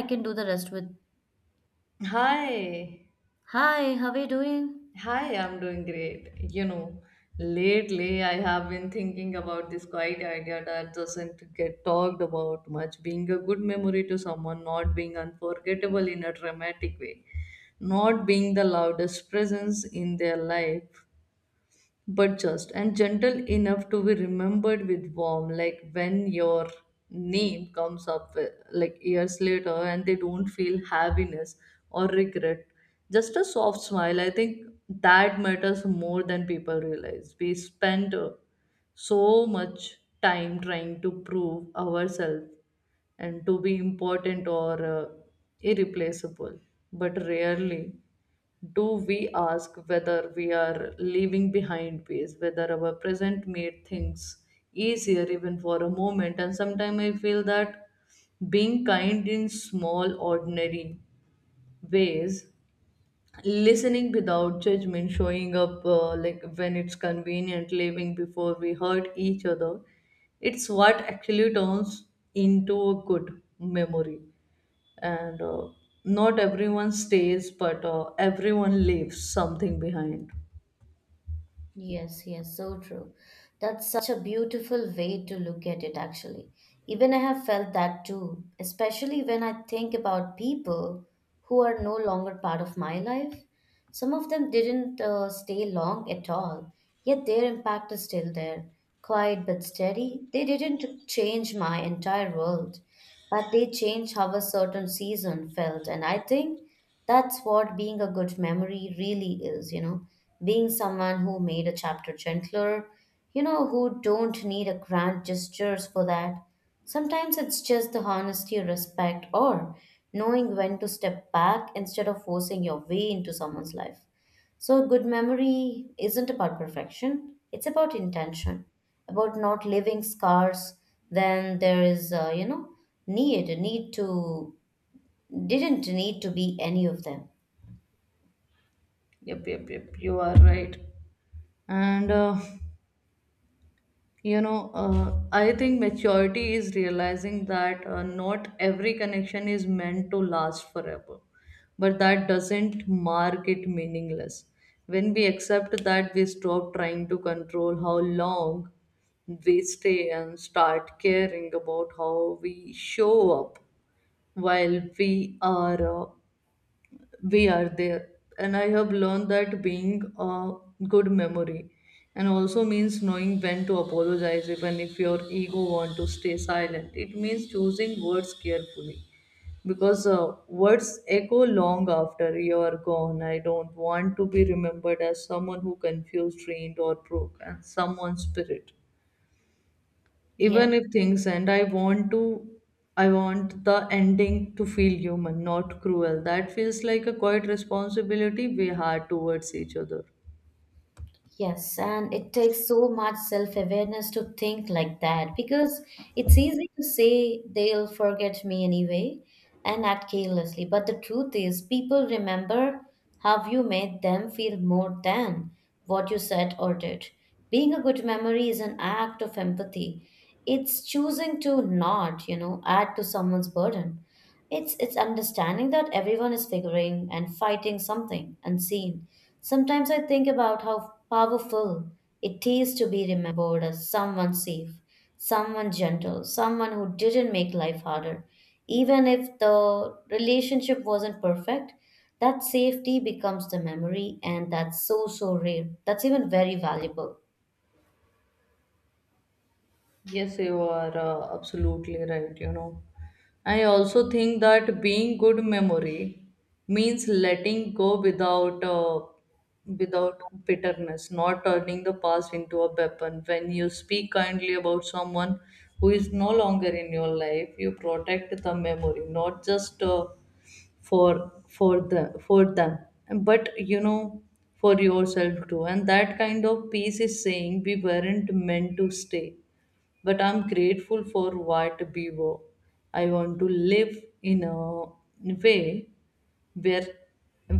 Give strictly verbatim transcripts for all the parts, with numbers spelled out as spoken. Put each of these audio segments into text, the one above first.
I can do the rest with, Hi. Hi, how are you doing? Hi, I'm doing great. You know, lately I have been thinking about this quiet idea that doesn't get talked about much being a good memory to someone, not being unforgettable in a dramatic way, not being the loudest presence in their life, but just and gentle enough to be remembered with warmth, like when your name comes up uh, like years later and they don't feel heaviness or regret, just a soft smile. I think that matters more than people realize. We spend uh, so much time trying to prove ourselves and to be important or uh, irreplaceable, but rarely do we ask whether we are leaving behind ways, whether our present made things easier even for a moment. And sometimes I feel that being kind in small, ordinary ways, listening without judgment, showing up uh, like when it's convenient, leaving before we hurt each other, it's what actually turns into a good memory. And uh, not everyone stays, but uh, everyone leaves something behind. Yes, yes, so true. That's such a beautiful way to look at it, actually. Even I have felt that too, especially when I think about people who are no longer part of my life. Some of them didn't uh, stay long at all, yet their impact is still there, quiet but steady. They didn't change my entire world, but they changed how a certain season felt, and I think that's what being a good memory really is, you know, being someone who made a chapter gentler, you know, who don't need a grand gestures for that. Sometimes it's just the honesty, respect, or knowing when to step back instead of forcing your way into someone's life. So, good memory isn't about perfection, it's about intention, about not leaving scars. Then there is, uh, you know, need, need to, didn't need to be any of them. Yep, yep, yep, you are right. And uh, you know, uh, I think maturity is realizing that uh, not every connection is meant to last forever, but that doesn't mark it meaningless. When we accept that, we stop trying to control how long we stay and start caring about how we show up while we are uh, we are there. And I have learned that being a good memory and also means knowing when to apologize even if your ego want to stay silent. It means choosing words carefully, because uh, words echo long after you are gone. I don't want to be remembered as someone who confused, trained, or broke and someone's spirit. Yes, Even if things end, I want to I want the ending to feel human, not cruel. That feels like a quiet responsibility we had towards each other. yes, and it takes so much self-awareness to think like that because it's easy to say they'll forget me anyway and act carelessly. But the truth is, people remember how you made them feel more than what you said or did. Being a good memory is an act of empathy. It's choosing to not, you know, add to someone's burden. It's it's understanding that everyone is figuring and fighting something unseen. Sometimes I think about how powerful it is to be remembered as someone safe, someone gentle, someone who didn't make life harder. Even if the relationship wasn't perfect, that safety becomes the memory, and that's so so rare. That's even very valuable. Yes, you are uh, absolutely right. You know, I also think that being good memory means letting go without uh, without bitterness, not turning the past into a weapon. When you speak kindly about someone who is no longer in your life, you protect the memory, not just uh, for for the for them, but you know, for yourself too. And that kind of peace is saying we weren't meant to stay, but I'm grateful for what we were. I want to live in a way where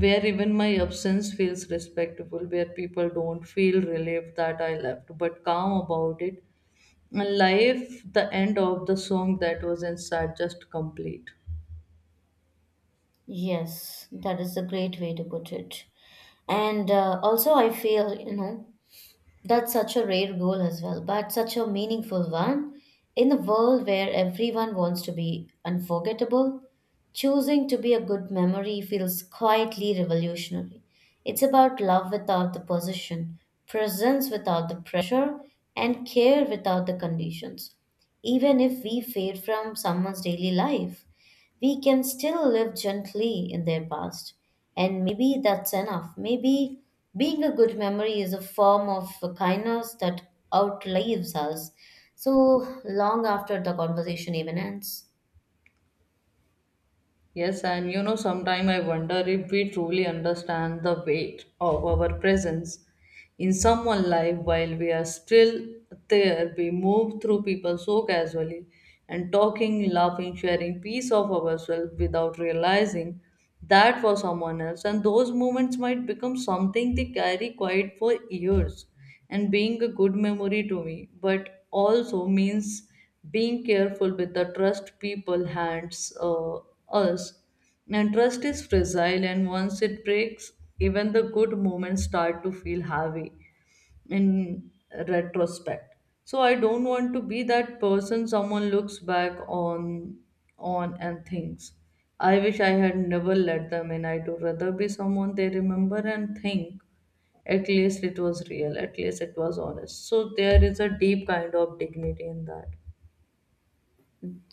where even my absence feels respectful, where people don't feel relieved that I left, but calm about it. And life, the end of the song that was inside, just complete. Yes, that is a great way to put it. And uh, also, I feel, you know, that's such a rare goal as well, but such a meaningful one. In a world where everyone wants to be unforgettable, choosing to be a good memory feels quietly revolutionary. It's about love without the possession, presence without the pressure, and care without the conditions. Even if we fade from someone's daily life, we can still live gently in their past. And maybe that's enough. Maybe being a good memory is a form of kindness that outlives us so long after the conversation even ends. Yes, and you know, sometimes I wonder if we truly understand the weight of our presence in someone's life while we are still there. We move through people so casually and talking, laughing, sharing piece of ourselves without realizing that for someone else. And those moments might become something they carry quiet for years. And being a good memory to me, but also means being careful with the trust people hands uh, us. And trust is fragile, and once it breaks, even the good moments start to feel heavy in retrospect. So I don't want to be that person someone looks back on on and thinks I wish I had never let them in. I'd rather be someone they remember and think at least it was real, at least it was honest. So there is a deep kind of dignity in that.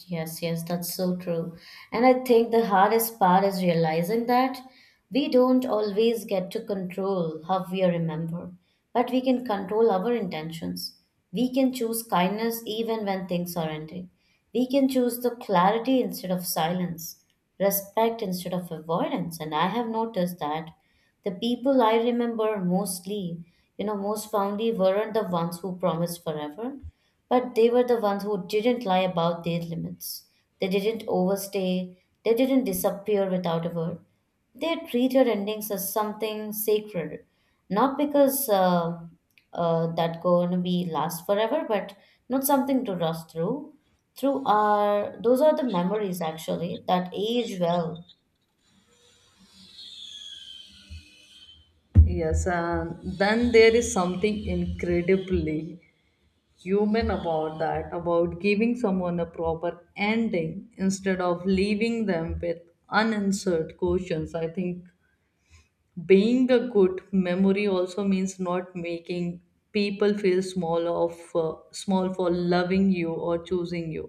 Yes, yes, that's so true. And I think the hardest part is realizing that we don't always get to control how we are remembered, but we can control our intentions. We can choose kindness even when things are ending. We can choose the clarity instead of silence, respect instead of avoidance. And I have noticed that the people I remember mostly, you know, most fondly weren't the ones who promised forever, but they were the ones who didn't lie about their limits. They didn't overstay, they didn't disappear without a word. They treated endings as something sacred, not because uh, uh, that gonna be last forever, but not something to rush through. Through our, those are the memories actually that age well. Yes, and then there is something incredibly human about that, about giving someone a proper ending instead of leaving them with unanswered questions. I think being a good memory also means not making people feel small of uh, small for loving you or choosing you,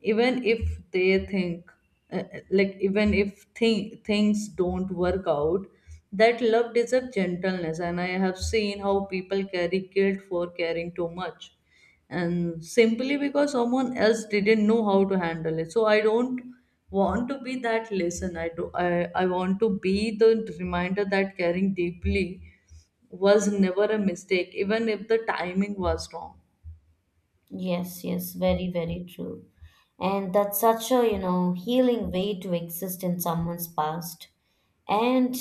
even if they think uh, like even if thing, things don't work out, that love deserves gentleness. And I have seen how people carry guilt for caring too much and simply because someone else didn't know how to handle it. So I don't want to be that lesson. i do i, I want to be the reminder that caring deeply was never a mistake, even if the timing was wrong. Yes, yes, very, very true. And that's such a, you know, healing way to exist in someone's past. And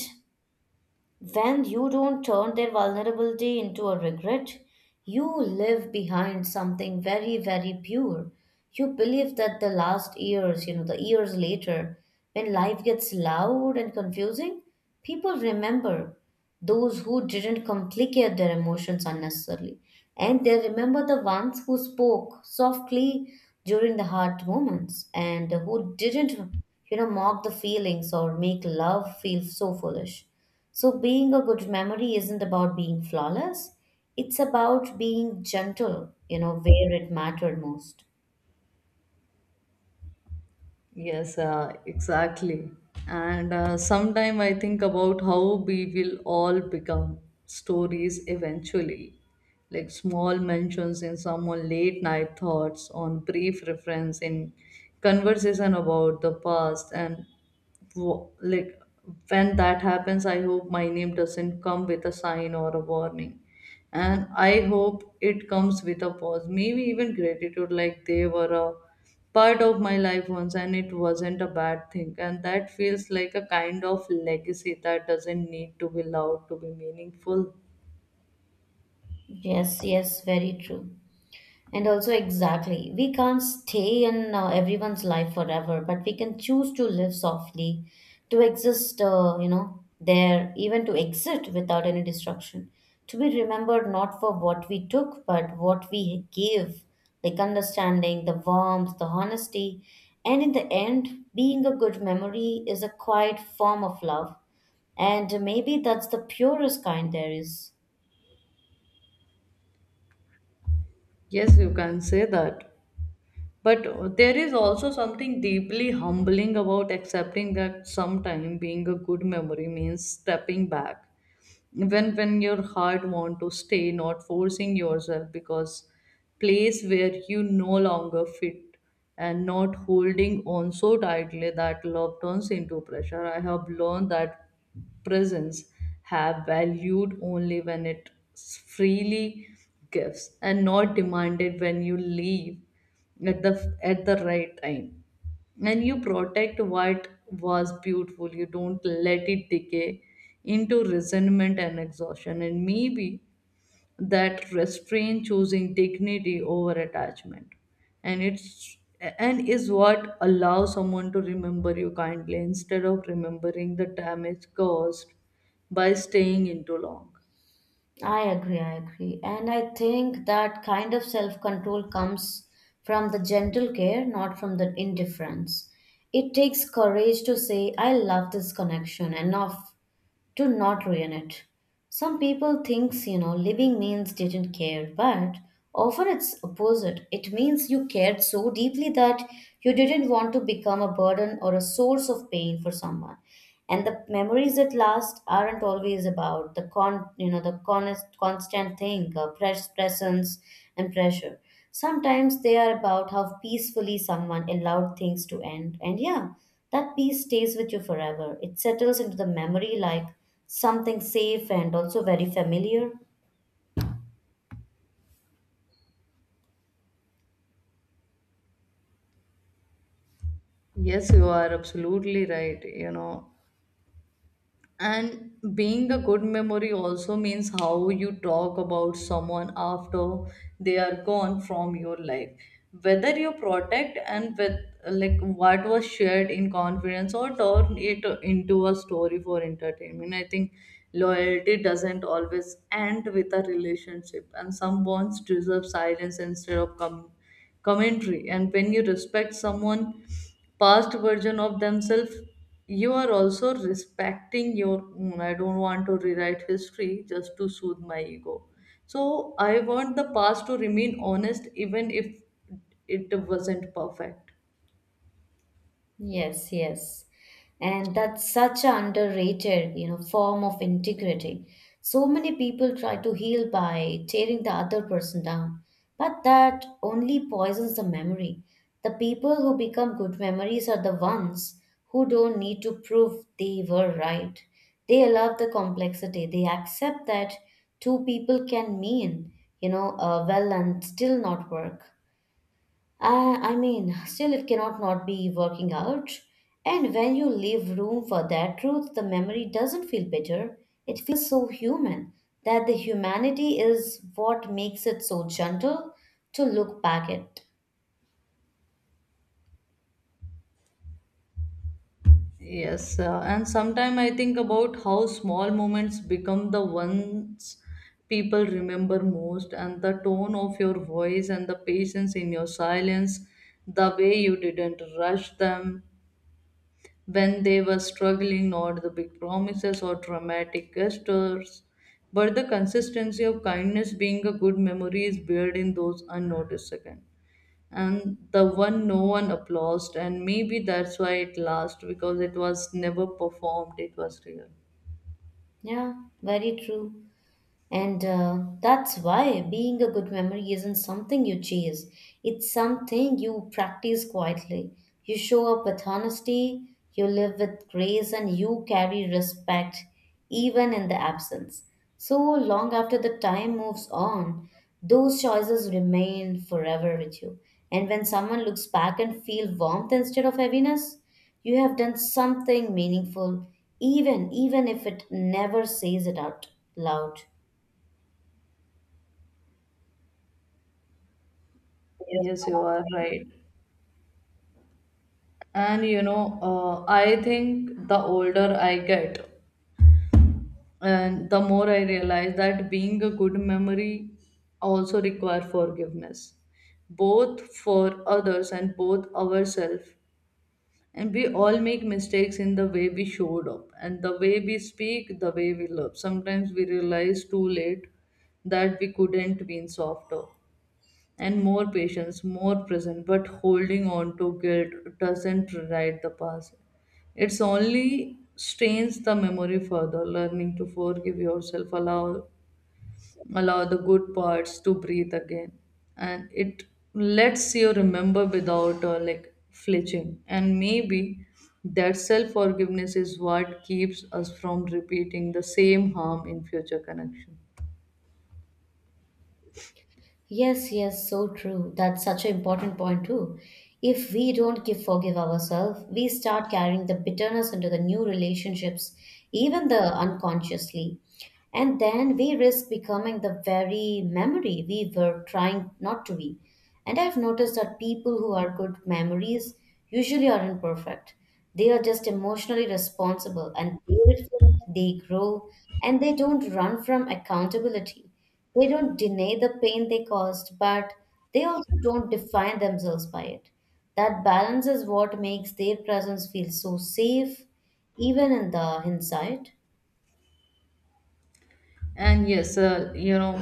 when you don't turn their vulnerability into a regret, you live behind something very, very pure. You believe that the last years, you know, the years later, when life gets loud and confusing, people remember those who didn't complicate their emotions unnecessarily. And they remember the ones who spoke softly during the hard moments and who didn't, you know, mock the feelings or make love feel so foolish. So, being a good memory isn't about being flawless, it's about being gentle, you know, where it mattered most. Yes, uh, exactly. And uh, sometime I think about how we will all become stories eventually. Like small mentions in someone late night thoughts on brief reference in conversation about the past. And wo- like when that happens, I hope my name doesn't come with a sign or a warning, and I hope it comes with a pause, maybe even gratitude, like they were a part of my life once and it wasn't a bad thing. And that feels like a kind of legacy that doesn't need to be loud to be meaningful. Yes, yes, very true. And also, exactly, we can't stay in uh, everyone's life forever, but we can choose to live softly, to exist, uh, you know, there, even to exist without any destruction, to be remembered not for what we took, but what we gave, like understanding, the warmth, the honesty. And in the end, being a good memory is a quiet form of love. And maybe that's the purest kind there is. Yes, you can say that. But there is also something deeply humbling about accepting that sometime being a good memory means stepping back when when your heart want to stay, not forcing yourself because place where you no longer fit, and not holding on so tightly that love turns into pressure. I have learned that presence have valued only when it freely gives and not demanded. When you leave at the at the right time and you protect what was beautiful, you don't let it decay into resentment and exhaustion. And maybe that restraint, choosing dignity over attachment, and it's and is what allows someone to remember you kindly instead of remembering the damage caused by staying in too long. I agree, I agree. And I think that kind of self control comes from the gentle care, not from the indifference. It takes courage to say, I love this connection enough to not ruin it. Some people thinks you know living means didn't care, but often it's opposite. It means you cared so deeply that you didn't want to become a burden or a source of pain for someone. And the memories that last aren't always about the con you know the con- constant thing, uh, press, presence and pressure. Sometimes they are about how peacefully someone allowed things to end. And yeah, that peace stays with you forever. It settles into the memory like something safe and also very familiar. Yes, you are absolutely right, you know. And being a good memory also means how you talk about someone after they are gone from your life. Whether you protect and with like what was shared in confidence or turn it into a story for entertainment. I think loyalty doesn't always end with a relationship, and some bonds deserve silence instead of coming commentary. And when you respect someone past version of themselves, you are also respecting your own. I don't want to rewrite history just to soothe my ego. So I want the past to remain honest even if it wasn't perfect. Yes, yes. And that's such an underrated, you know, form of integrity. So many people try to heal by tearing the other person down, but that only poisons the memory. The people who become good memories are the ones who don't need to prove they were right. They allow the complexity. They accept that two people can mean, you know, uh, well and still not work. I, I mean, still it cannot not be working out. And when you leave room for that truth, the memory doesn't feel bitter. It feels so human that the humanity is what makes it so gentle to look back at. Yes, uh, and sometimes I think about how small moments become the ones people remember most, and the tone of your voice and the patience in your silence, the way you didn't rush them when they were struggling, not the big promises or dramatic gestures, but the consistency of kindness. Being a good memory is built in those unnoticed seconds and the one no one applauded. And maybe that's why it lasted, because it was never performed, it was real. Yeah, very true. And uh, that's why being a good memory isn't something you chase, it's something you practice quietly. You show up with honesty, you live with grace, and you carry respect even in the absence. So long after the time moves on, those choices remain forever with you. And when someone looks back and feels warmth instead of heaviness, you have done something meaningful, even even if it never says it out loud. Yes, you are right. And you know, uh, I think the older I get and the more I realize that being a good memory also require forgiveness, both for others and both ourselves. And we all make mistakes in the way we showed up and the way we speak, the way we love. Sometimes we realize too late that we couldn't been softer and more patient, more present, but holding on to guilt doesn't rewrite the past. It's only strains the memory further. Learning to forgive yourself, allow allow the good parts to breathe again, and it lets you remember without uh, like flinching. And maybe that self forgiveness is what keeps us from repeating the same harm in future connection. Yes, yes, so true. That's such an important point too. If we don't give forgive ourselves, we start carrying the bitterness into the new relationships, even the unconsciously. And then we risk becoming the very memory we were trying not to be. And I've noticed that people who are good memories usually aren't perfect. They are just emotionally responsible and they reflect, they grow, and they don't run from accountability. They don't deny the pain they caused, but they also don't define themselves by it. That balance is what makes their presence feel so safe, even in the hindsight. And yes, uh, you know,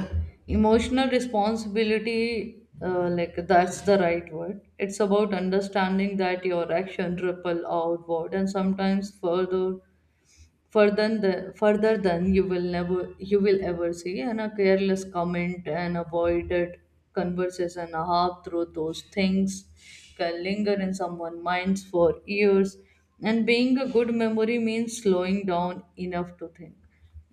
emotional responsibility, uh, like that's the right word. It's about understanding that your action ripple outward and sometimes further further than further than you will never you will ever see. And a careless comment and avoided conversation, a half through, those things can linger in someone's minds for years. And being a good memory means slowing down enough to think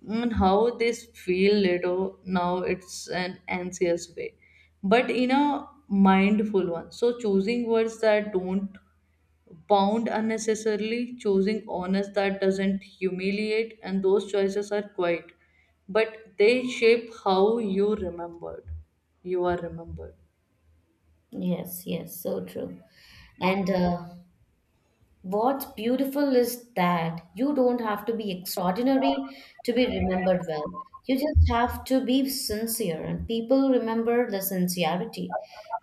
and how this feel later, now it's an anxious way, but in a mindful one. So choosing words that don't bound unnecessarily, choosing honest that doesn't humiliate, and those choices are quiet, but they shape how you remembered. You are remembered. Yes, yes, so true. And uh, what's beautiful is that you don't have to be extraordinary to be remembered well. You just have to be sincere, and people remember the sincerity.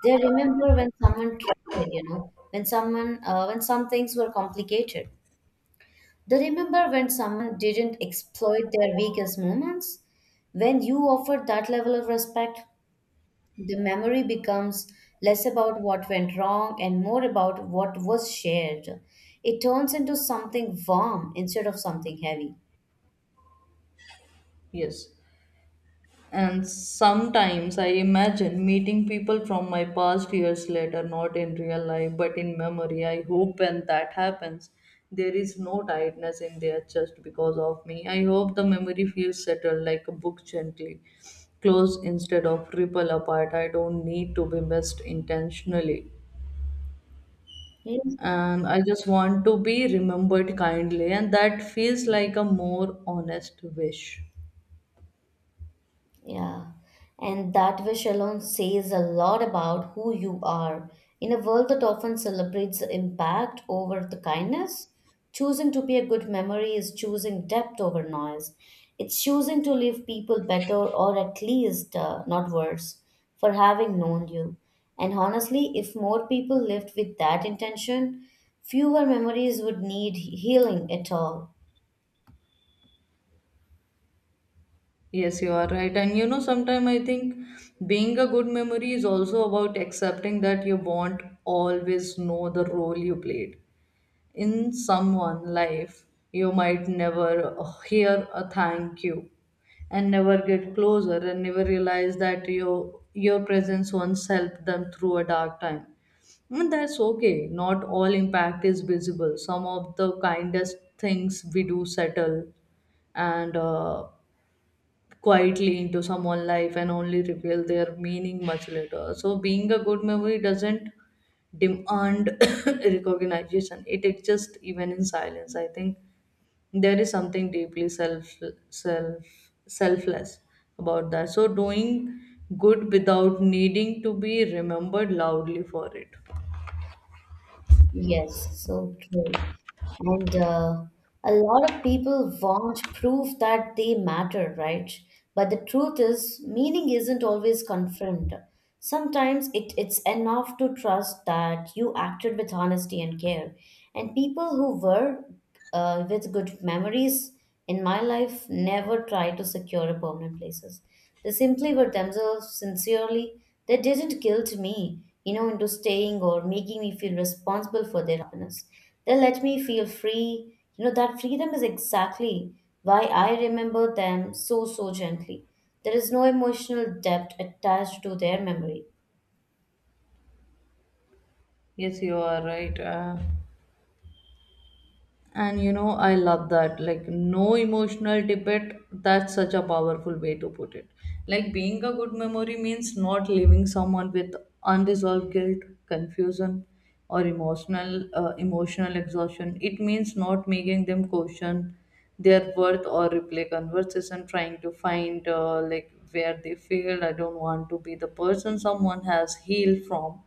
They remember when someone tried, you know, when someone, uh, when some things were complicated. They remember when someone didn't exploit their weakest moments. When you offered that level of respect, the memory becomes less about what went wrong and more about what was shared. It turns into something warm instead of something heavy. Yes. And sometimes I imagine meeting people from my past years later, not in real life, but in memory. I hope when that happens, there is no tightness in their chest because of me. I hope the memory feels settled like a book gently closed instead of ripple apart. I don't need to be missed intentionally. Yes. And I just want to be remembered kindly, and that feels like a more honest wish. Yeah, and that wish alone says a lot about who you are. In a world that often celebrates the impact over the kindness, choosing to be a good memory is choosing depth over noise. It's choosing to leave people better or at least uh, not worse for having known you. And honestly, if more people lived with that intention, fewer memories would need healing at all. Yes, you are right. And you know, sometimes I think being a good memory is also about accepting that you won't always know the role you played in someone's life. You might never uh, hear a thank you and never get closer and never realize that your your presence once helped them through a dark time. And that's okay. Not all impact is visible. Some of the kindest things we do settle and uh, quietly into someone's life and only reveal their meaning much later. So, being a good memory doesn't demand recognition, it exists even in silence. I think there is something deeply self, self, selfless about that. So, doing good without needing to be remembered loudly for it. Yes, so true. And uh, a lot of people want proof that they matter, right? But the truth is, meaning isn't always confirmed. Sometimes it, it's enough to trust that you acted with honesty and care. And people who were uh, with good memories in my life never tried to secure a permanent places. They simply were themselves sincerely. They didn't guilt me, you know, into staying or making me feel responsible for their happiness. They let me feel free. You know, that freedom is exactly why I remember them so, so gently. There is no emotional debt attached to their memory. Yes, you are right. Uh, And you know, I love that. Like, no emotional debate. That's such a powerful way to put it. Like, being a good memory means not leaving someone with unresolved guilt, confusion, or emotional uh, emotional exhaustion. It means not making them question their worth or replay conversation, trying to find uh, like where they failed. I don't want to be the person someone has healed from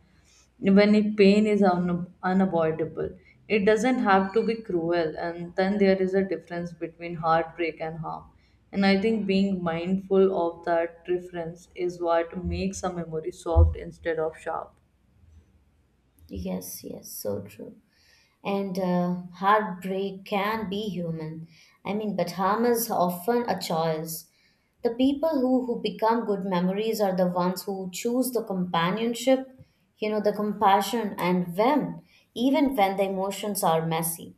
when, if pain is un- unavoidable, it doesn't have to be cruel. And then there is a difference between heartbreak and harm, and I think being mindful of that difference is what makes a memory soft instead of sharp. Yes, yes, so true. And uh, heartbreak can be human. I mean, but harm is often a choice. The people who, who become good memories are the ones who choose the companionship, you know, the compassion and when, even when the emotions are messy.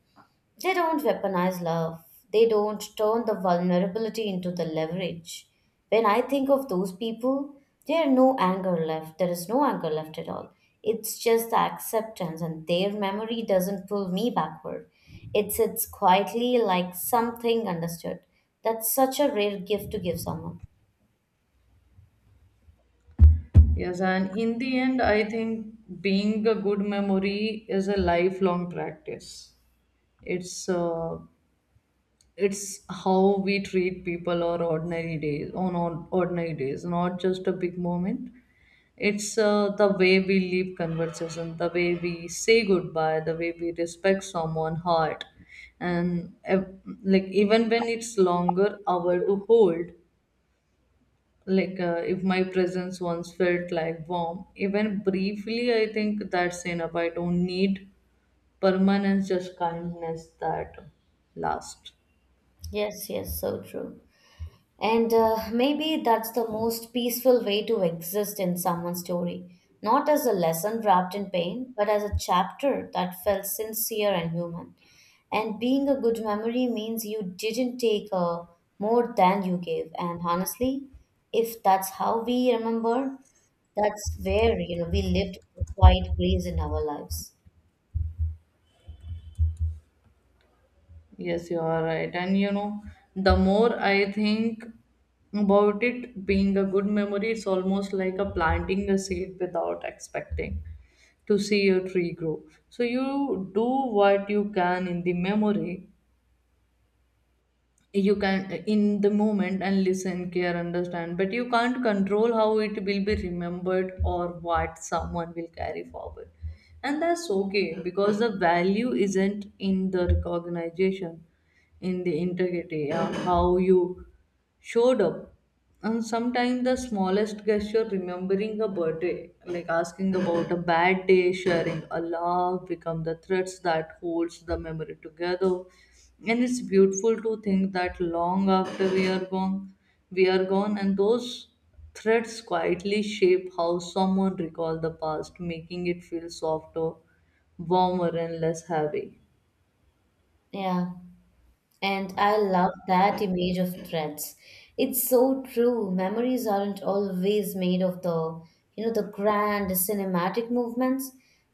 They don't weaponize love. They don't turn the vulnerability into the leverage. When I think of those people, there are no anger left. There is no anger left at all. It's just the acceptance, and their memory doesn't pull me backward. It sits quietly like something understood. That's such a rare gift to give someone. Yes, and in the end, I think being a good memory is a lifelong practice. It's uh, it's how we treat people or ordinary days, on or- ordinary days, not just a big moment. It's uh, the way we leave conversation, the way we say goodbye, the way we respect someone's heart, and uh, like even when it's longer hour to hold. Like uh, if my presence once felt like warm, even briefly, I think that's enough. I don't need permanence, just kindness that lasts. Yes, yes, so true. And uh, maybe that's the most peaceful way to exist in someone's story, not as a lesson wrapped in pain, but as a chapter that felt sincere and human. And being a good memory means you didn't take uh, more than you gave. And honestly, if that's how we remember, that's where you know we lived a quiet grace in our lives. Yes, you are right. And you know, the more I think about it, being a good memory, it's almost like a planting a seed without expecting to see your tree grow. So you do what you can in the memory, you can in the moment, and listen, care, understand, but you can't control how it will be remembered or what someone will carry forward. And that's okay, because the value isn't in the recognition, in the integrity, uh, how you showed up. And sometimes the smallest gesture, remembering a birthday, like asking about a bad day, sharing a laugh, become the threads that holds the memory together. And it's beautiful to think that long after we are gone we are gone, and those threads quietly shape how someone recall the past, making it feel softer, warmer, and less heavy. Yeah. And I love that image of threads. It's so true. Memories aren't always made of the, you know, the grand cinematic movements.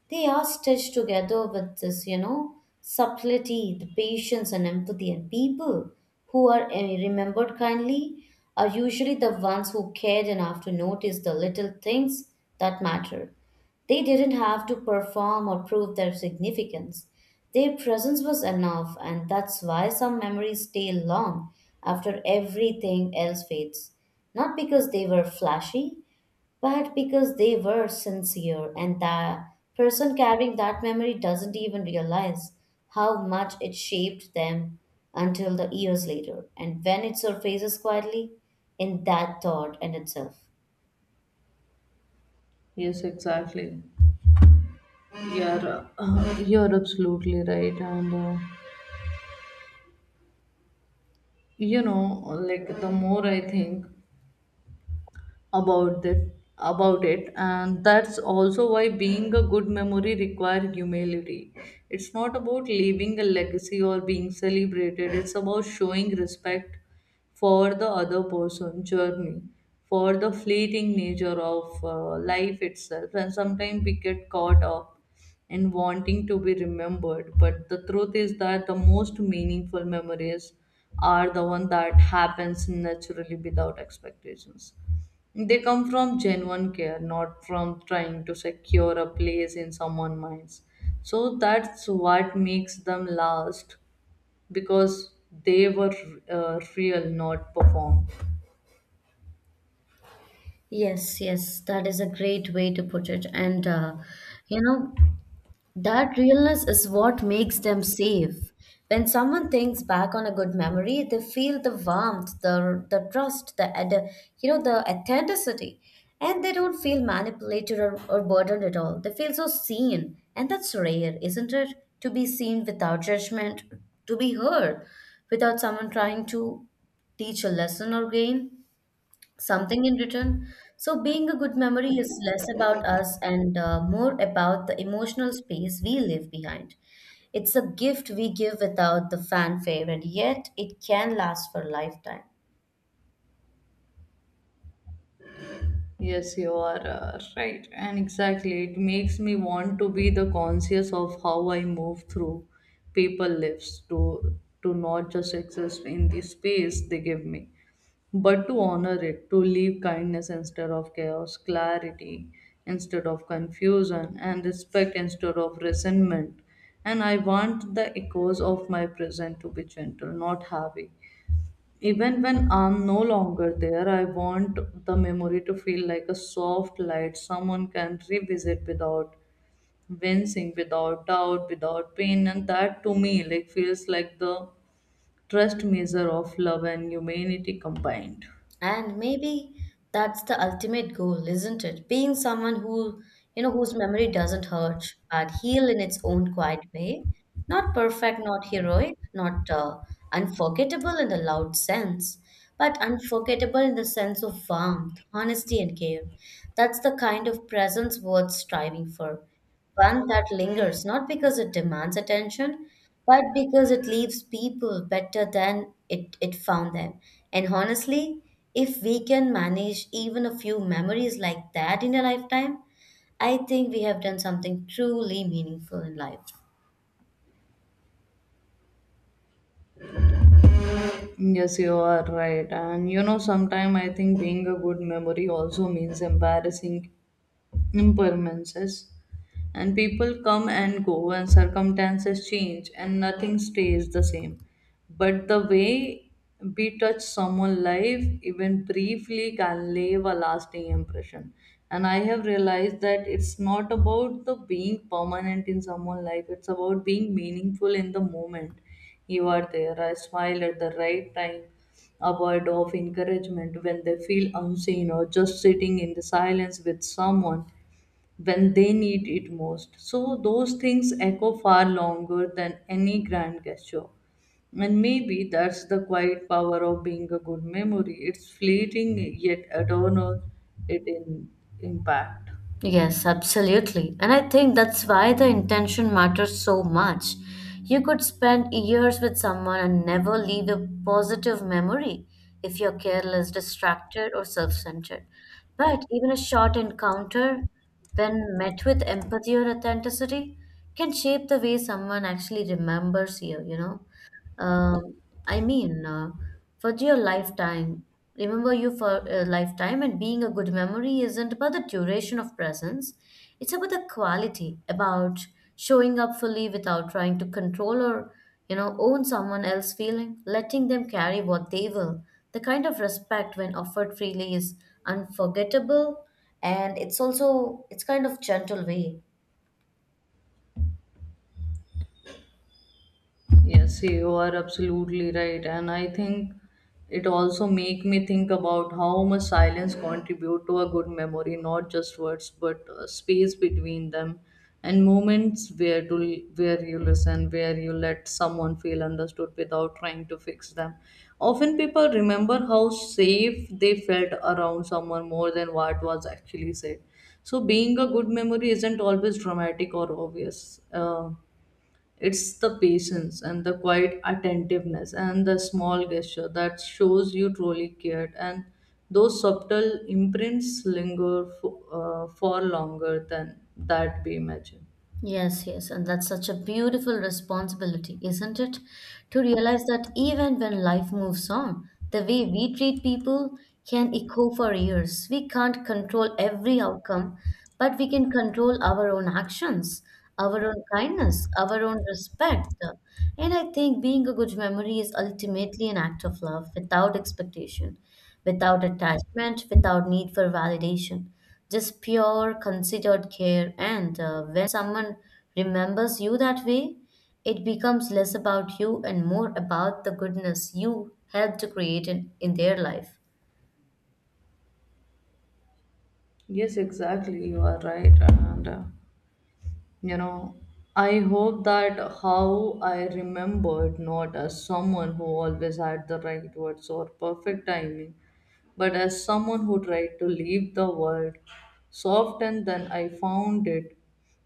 They are stitched together with this, you know, subtlety, the patience and empathy. And people who are eh, remembered kindly are usually the ones who cared enough to notice the little things that matter. They didn't have to perform or prove their significance. Their presence was enough, and that's why some memories stay long after everything else fades. Not because they were flashy, but because they were sincere, and the person carrying that memory doesn't even realize how much it shaped them until the years later. And when it surfaces quietly, in that thought and itself. Yes, exactly. You're uh, you're absolutely right. And uh, you know, like the more I think about that about it. And that's also why being a good memory requires humility. It's not about leaving a legacy or being celebrated. It's about showing respect for the other person journey, for the fleeting nature of uh, life itself. And sometimes we get caught up in wanting to be remembered, but the truth is that the most meaningful memories are the one that happens naturally without expectations. They come from genuine care, not from trying to secure a place in someone's minds. So that's what makes them last, because they were uh, real, not performed. Yes, yes, that is a great way to put it. And, uh, you know, that realness is what makes them safe. When someone thinks back on a good memory, they feel the warmth, the the trust, the, ad- you know, the authenticity, and they don't feel manipulated or, or burdened at all. They feel so seen, and that's rare, isn't it? To be seen without judgment, to be heard without someone trying to teach a lesson or gain something in return. So, being a good memory is less about us and uh, more about the emotional space we leave behind. It's a gift we give without the fanfare, and yet it can last for a lifetime. Yes, you are uh, right. And exactly, it makes me want to be the conscious of how I move through people lives, to to not just exist in the space they give me, but to honor it, to leave kindness instead of chaos, clarity instead of confusion, and respect instead of resentment. And I want the echoes of my present to be gentle, not heavy. Even when I'm no longer there, I want the memory to feel like a soft light someone can revisit without wincing, without doubt, without pain. And that to me like feels like the trust measure of love and humanity combined. And maybe that's the ultimate goal, isn't it? Being someone who, you know, whose memory doesn't hurt, but heal in its own quiet way. Not perfect, not heroic, not uh, unforgettable in the loud sense, but unforgettable in the sense of warmth, honesty, and care. That's the kind of presence worth striving for, one that lingers not because it demands attention, but because it leaves people better than it, it found them. And honestly, if we can manage even a few memories like that in a lifetime, I think we have done something truly meaningful in life. Yes, you are right. And you know, sometimes I think being a good memory also means embarrassing impermanences. And people come and go, and circumstances change, and nothing stays the same, but the way we touch someone's life, even briefly, can leave a lasting impression. And I have realized that it's not about the being permanent in someone's life, it's about being meaningful in the moment. You are there, I smile at the right time, a word of encouragement when they feel unseen, or just sitting in the silence with someone when they need it most. So those things echo far longer than any grand gesture. And maybe that's the quiet power of being a good memory. It's fleeting yet eternal it in impact. Yes, absolutely. And I think that's why the intention matters so much. You could spend years with someone and never leave a positive memory if you're careless, distracted, or self centered. But even a short encounter, when met with empathy or authenticity, can shape the way someone actually remembers you, you know? Um, I mean, uh, for your lifetime, remember you for a lifetime, and being a good memory isn't about the duration of presence. It's about the quality, about showing up fully without trying to control or, you know, own someone else's feeling, letting them carry what they will. The kind of respect when offered freely is unforgettable, and it's also it's kind of gentle way. Yes, you are absolutely right. And I think it also make me think about how much silence contribute to a good memory, not just words, but uh, space between them, and moments where to where you listen, where you let someone feel understood without trying to fix them. Often people remember how safe they felt around someone more than what was actually said. So being a good memory isn't always dramatic or obvious. Uh, it's the patience and the quiet attentiveness and the small gesture that shows you truly cared. And those subtle imprints linger for, uh, far longer than that we imagine. Yes, yes, and that's such a beautiful responsibility, isn't it? To realize that even when life moves on, the way we treat people can echo for years. We can't control every outcome, but we can control our own actions, our own kindness, our own respect. And I think being a good memory is ultimately an act of love without expectation, without attachment, without need for validation, just pure considered care, and uh, when someone remembers you that way, it becomes less about you and more about the goodness you helped to create in, in their life. Yes, exactly. You are right. And, uh, you know, I hope that how I remembered, not as someone who always had the right words or perfect timing, but as someone who tried to leave the world soft than I found it,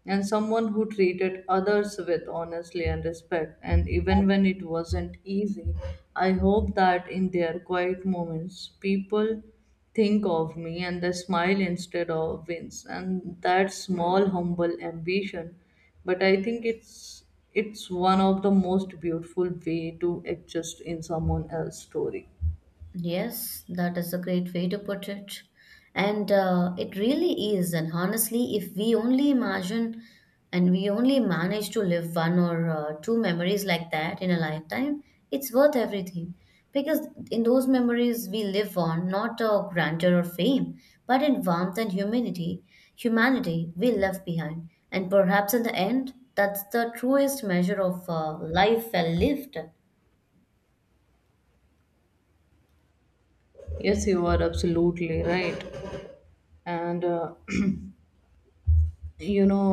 and someone who treated others with honesty and respect, and even when it wasn't easy, I hope that in their quiet moments, people think of me and they smile instead of wince, and that small, humble ambition. But I think it's it's one of the most beautiful way to exist in someone else's story. Yes, that is a great way to put it. And uh, it really is. And honestly, if we only imagine and we only manage to live one or uh, two memories like that in a lifetime, it's worth everything. Because in those memories, we live on not a grandeur or fame, but in warmth and humanity, humanity we left behind. And perhaps in the end, that's the truest measure of uh, life well lived. Yes, you are absolutely right. And uh, you know,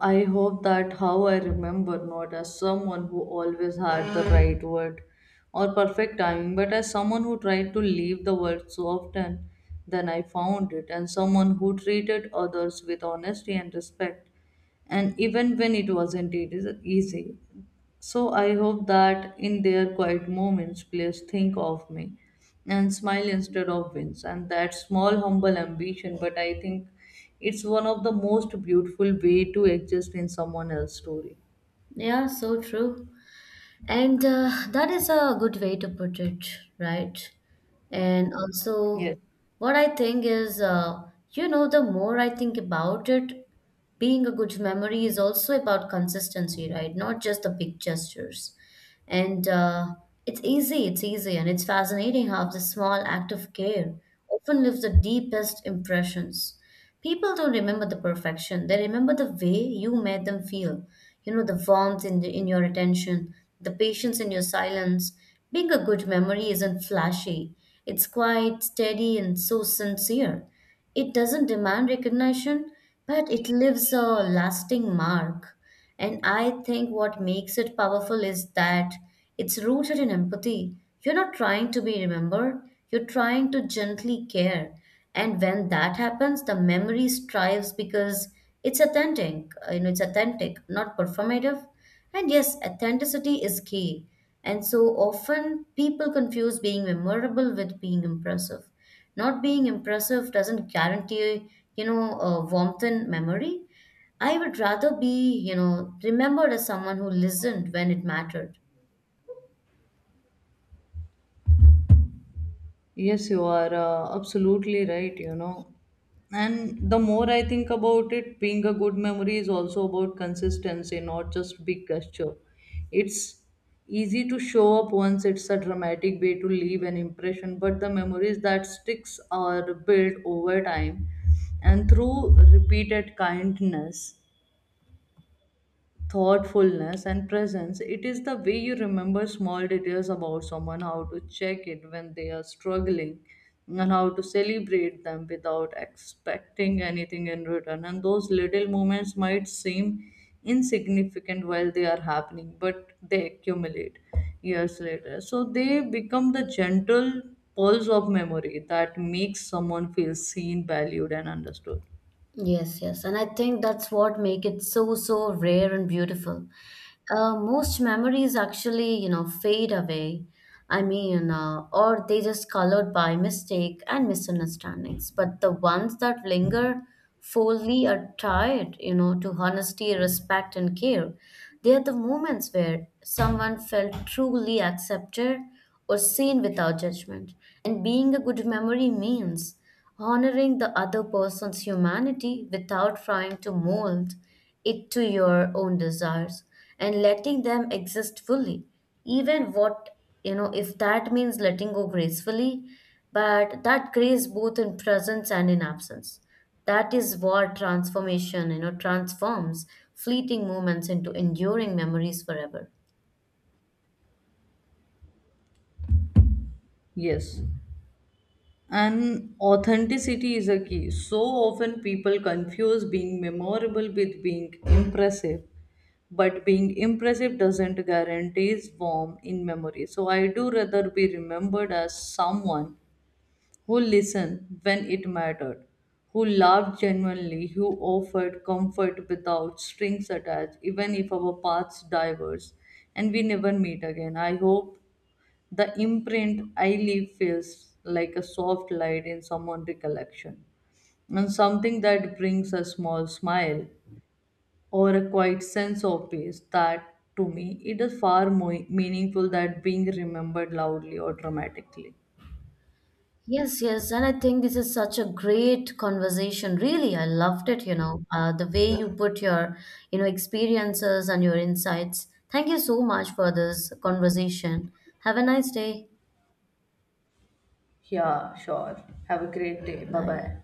uh, I hope that how I remember, not as someone who always had the right word or perfect timing, but as someone who tried to leave the world so often, then I found it, and someone who treated others with honesty and respect. And even when it wasn't eas- easy, so I hope that in their quiet moments, players think of me and smile instead of wins. And that small, humble ambition, but I think it's one of the most beautiful way to exist in someone else's story. Yeah, so true. And uh, that is a good way to put it, right? And also, Yes. what I think is, uh, you know, the more I think about it, being a good memory is also about consistency, right? Not just the big gestures. And uh, it's easy, it's easy, and it's fascinating how the small act of care often leaves the deepest impressions. People don't remember the perfection. They remember the way you made them feel. You know, the warmth in, the in your attention, the patience in your silence. Being a good memory isn't flashy, it's quite steady and so sincere. It doesn't demand recognition, but it leaves a lasting mark. And I think what makes it powerful is that it's rooted in empathy. You're not trying to be remembered, you're trying to gently care. And when that happens, the memory strives because it's authentic, uh, you know, it's authentic, not performative. And yes, authenticity is key. And so often people confuse being memorable with being impressive. Not being impressive doesn't guarantee, you know, uh, warmth in memory. I would rather be, you know, remembered as someone who listened when it mattered. Yes, you are uh, absolutely right, you know. And the more I think about it, being a good memory is also about consistency, not just big gesture. It's easy to show up once it's a dramatic way to leave an impression, but the memories that sticks are built over time and through repeated kindness, thoughtfulness, and presence. It is the way you remember small details about someone, how to check it when they are struggling, and how to celebrate them without expecting anything in return. And those little moments might seem insignificant while they are happening, but they accumulate years later, so they become the gentle pulse of memory that makes someone feel seen, valued, and understood. Yes, yes. And I think that's what make it so, so rare and beautiful. Uh, most memories actually, you know, fade away. I mean, uh, or they just colored by mistake and misunderstandings. But the ones that linger fully are tied, you know, to honesty, respect, and care. They are the moments where someone felt truly accepted or seen without judgment. And being a good memory means honoring the other person's humanity without trying to mold it to your own desires and letting them exist fully, even what, you know, if that means letting go gracefully, but that grace both in presence and in absence, that is what transformation, you know, transforms fleeting moments into enduring memories forever. Yes. And authenticity is a key. So often people confuse being memorable with being impressive, but being impressive doesn't guarantee warm in memory. So I do rather be remembered as someone who listened when it mattered, who loved genuinely, who offered comfort without strings attached, even if our paths diverge and we never meet again. I hope the imprint I leave feels like a soft light in someone's recollection, and something that brings a small smile or a quiet sense of peace. That to me, it is far more meaningful than being remembered loudly or dramatically. Yes, yes, and I think this is such a great conversation. Really, I loved it, you know, uh, the way you put your, you know, experiences and your insights. Thank you so much for this conversation. Have a nice day. Yeah, sure. Have a great day. Bye Bye. bye.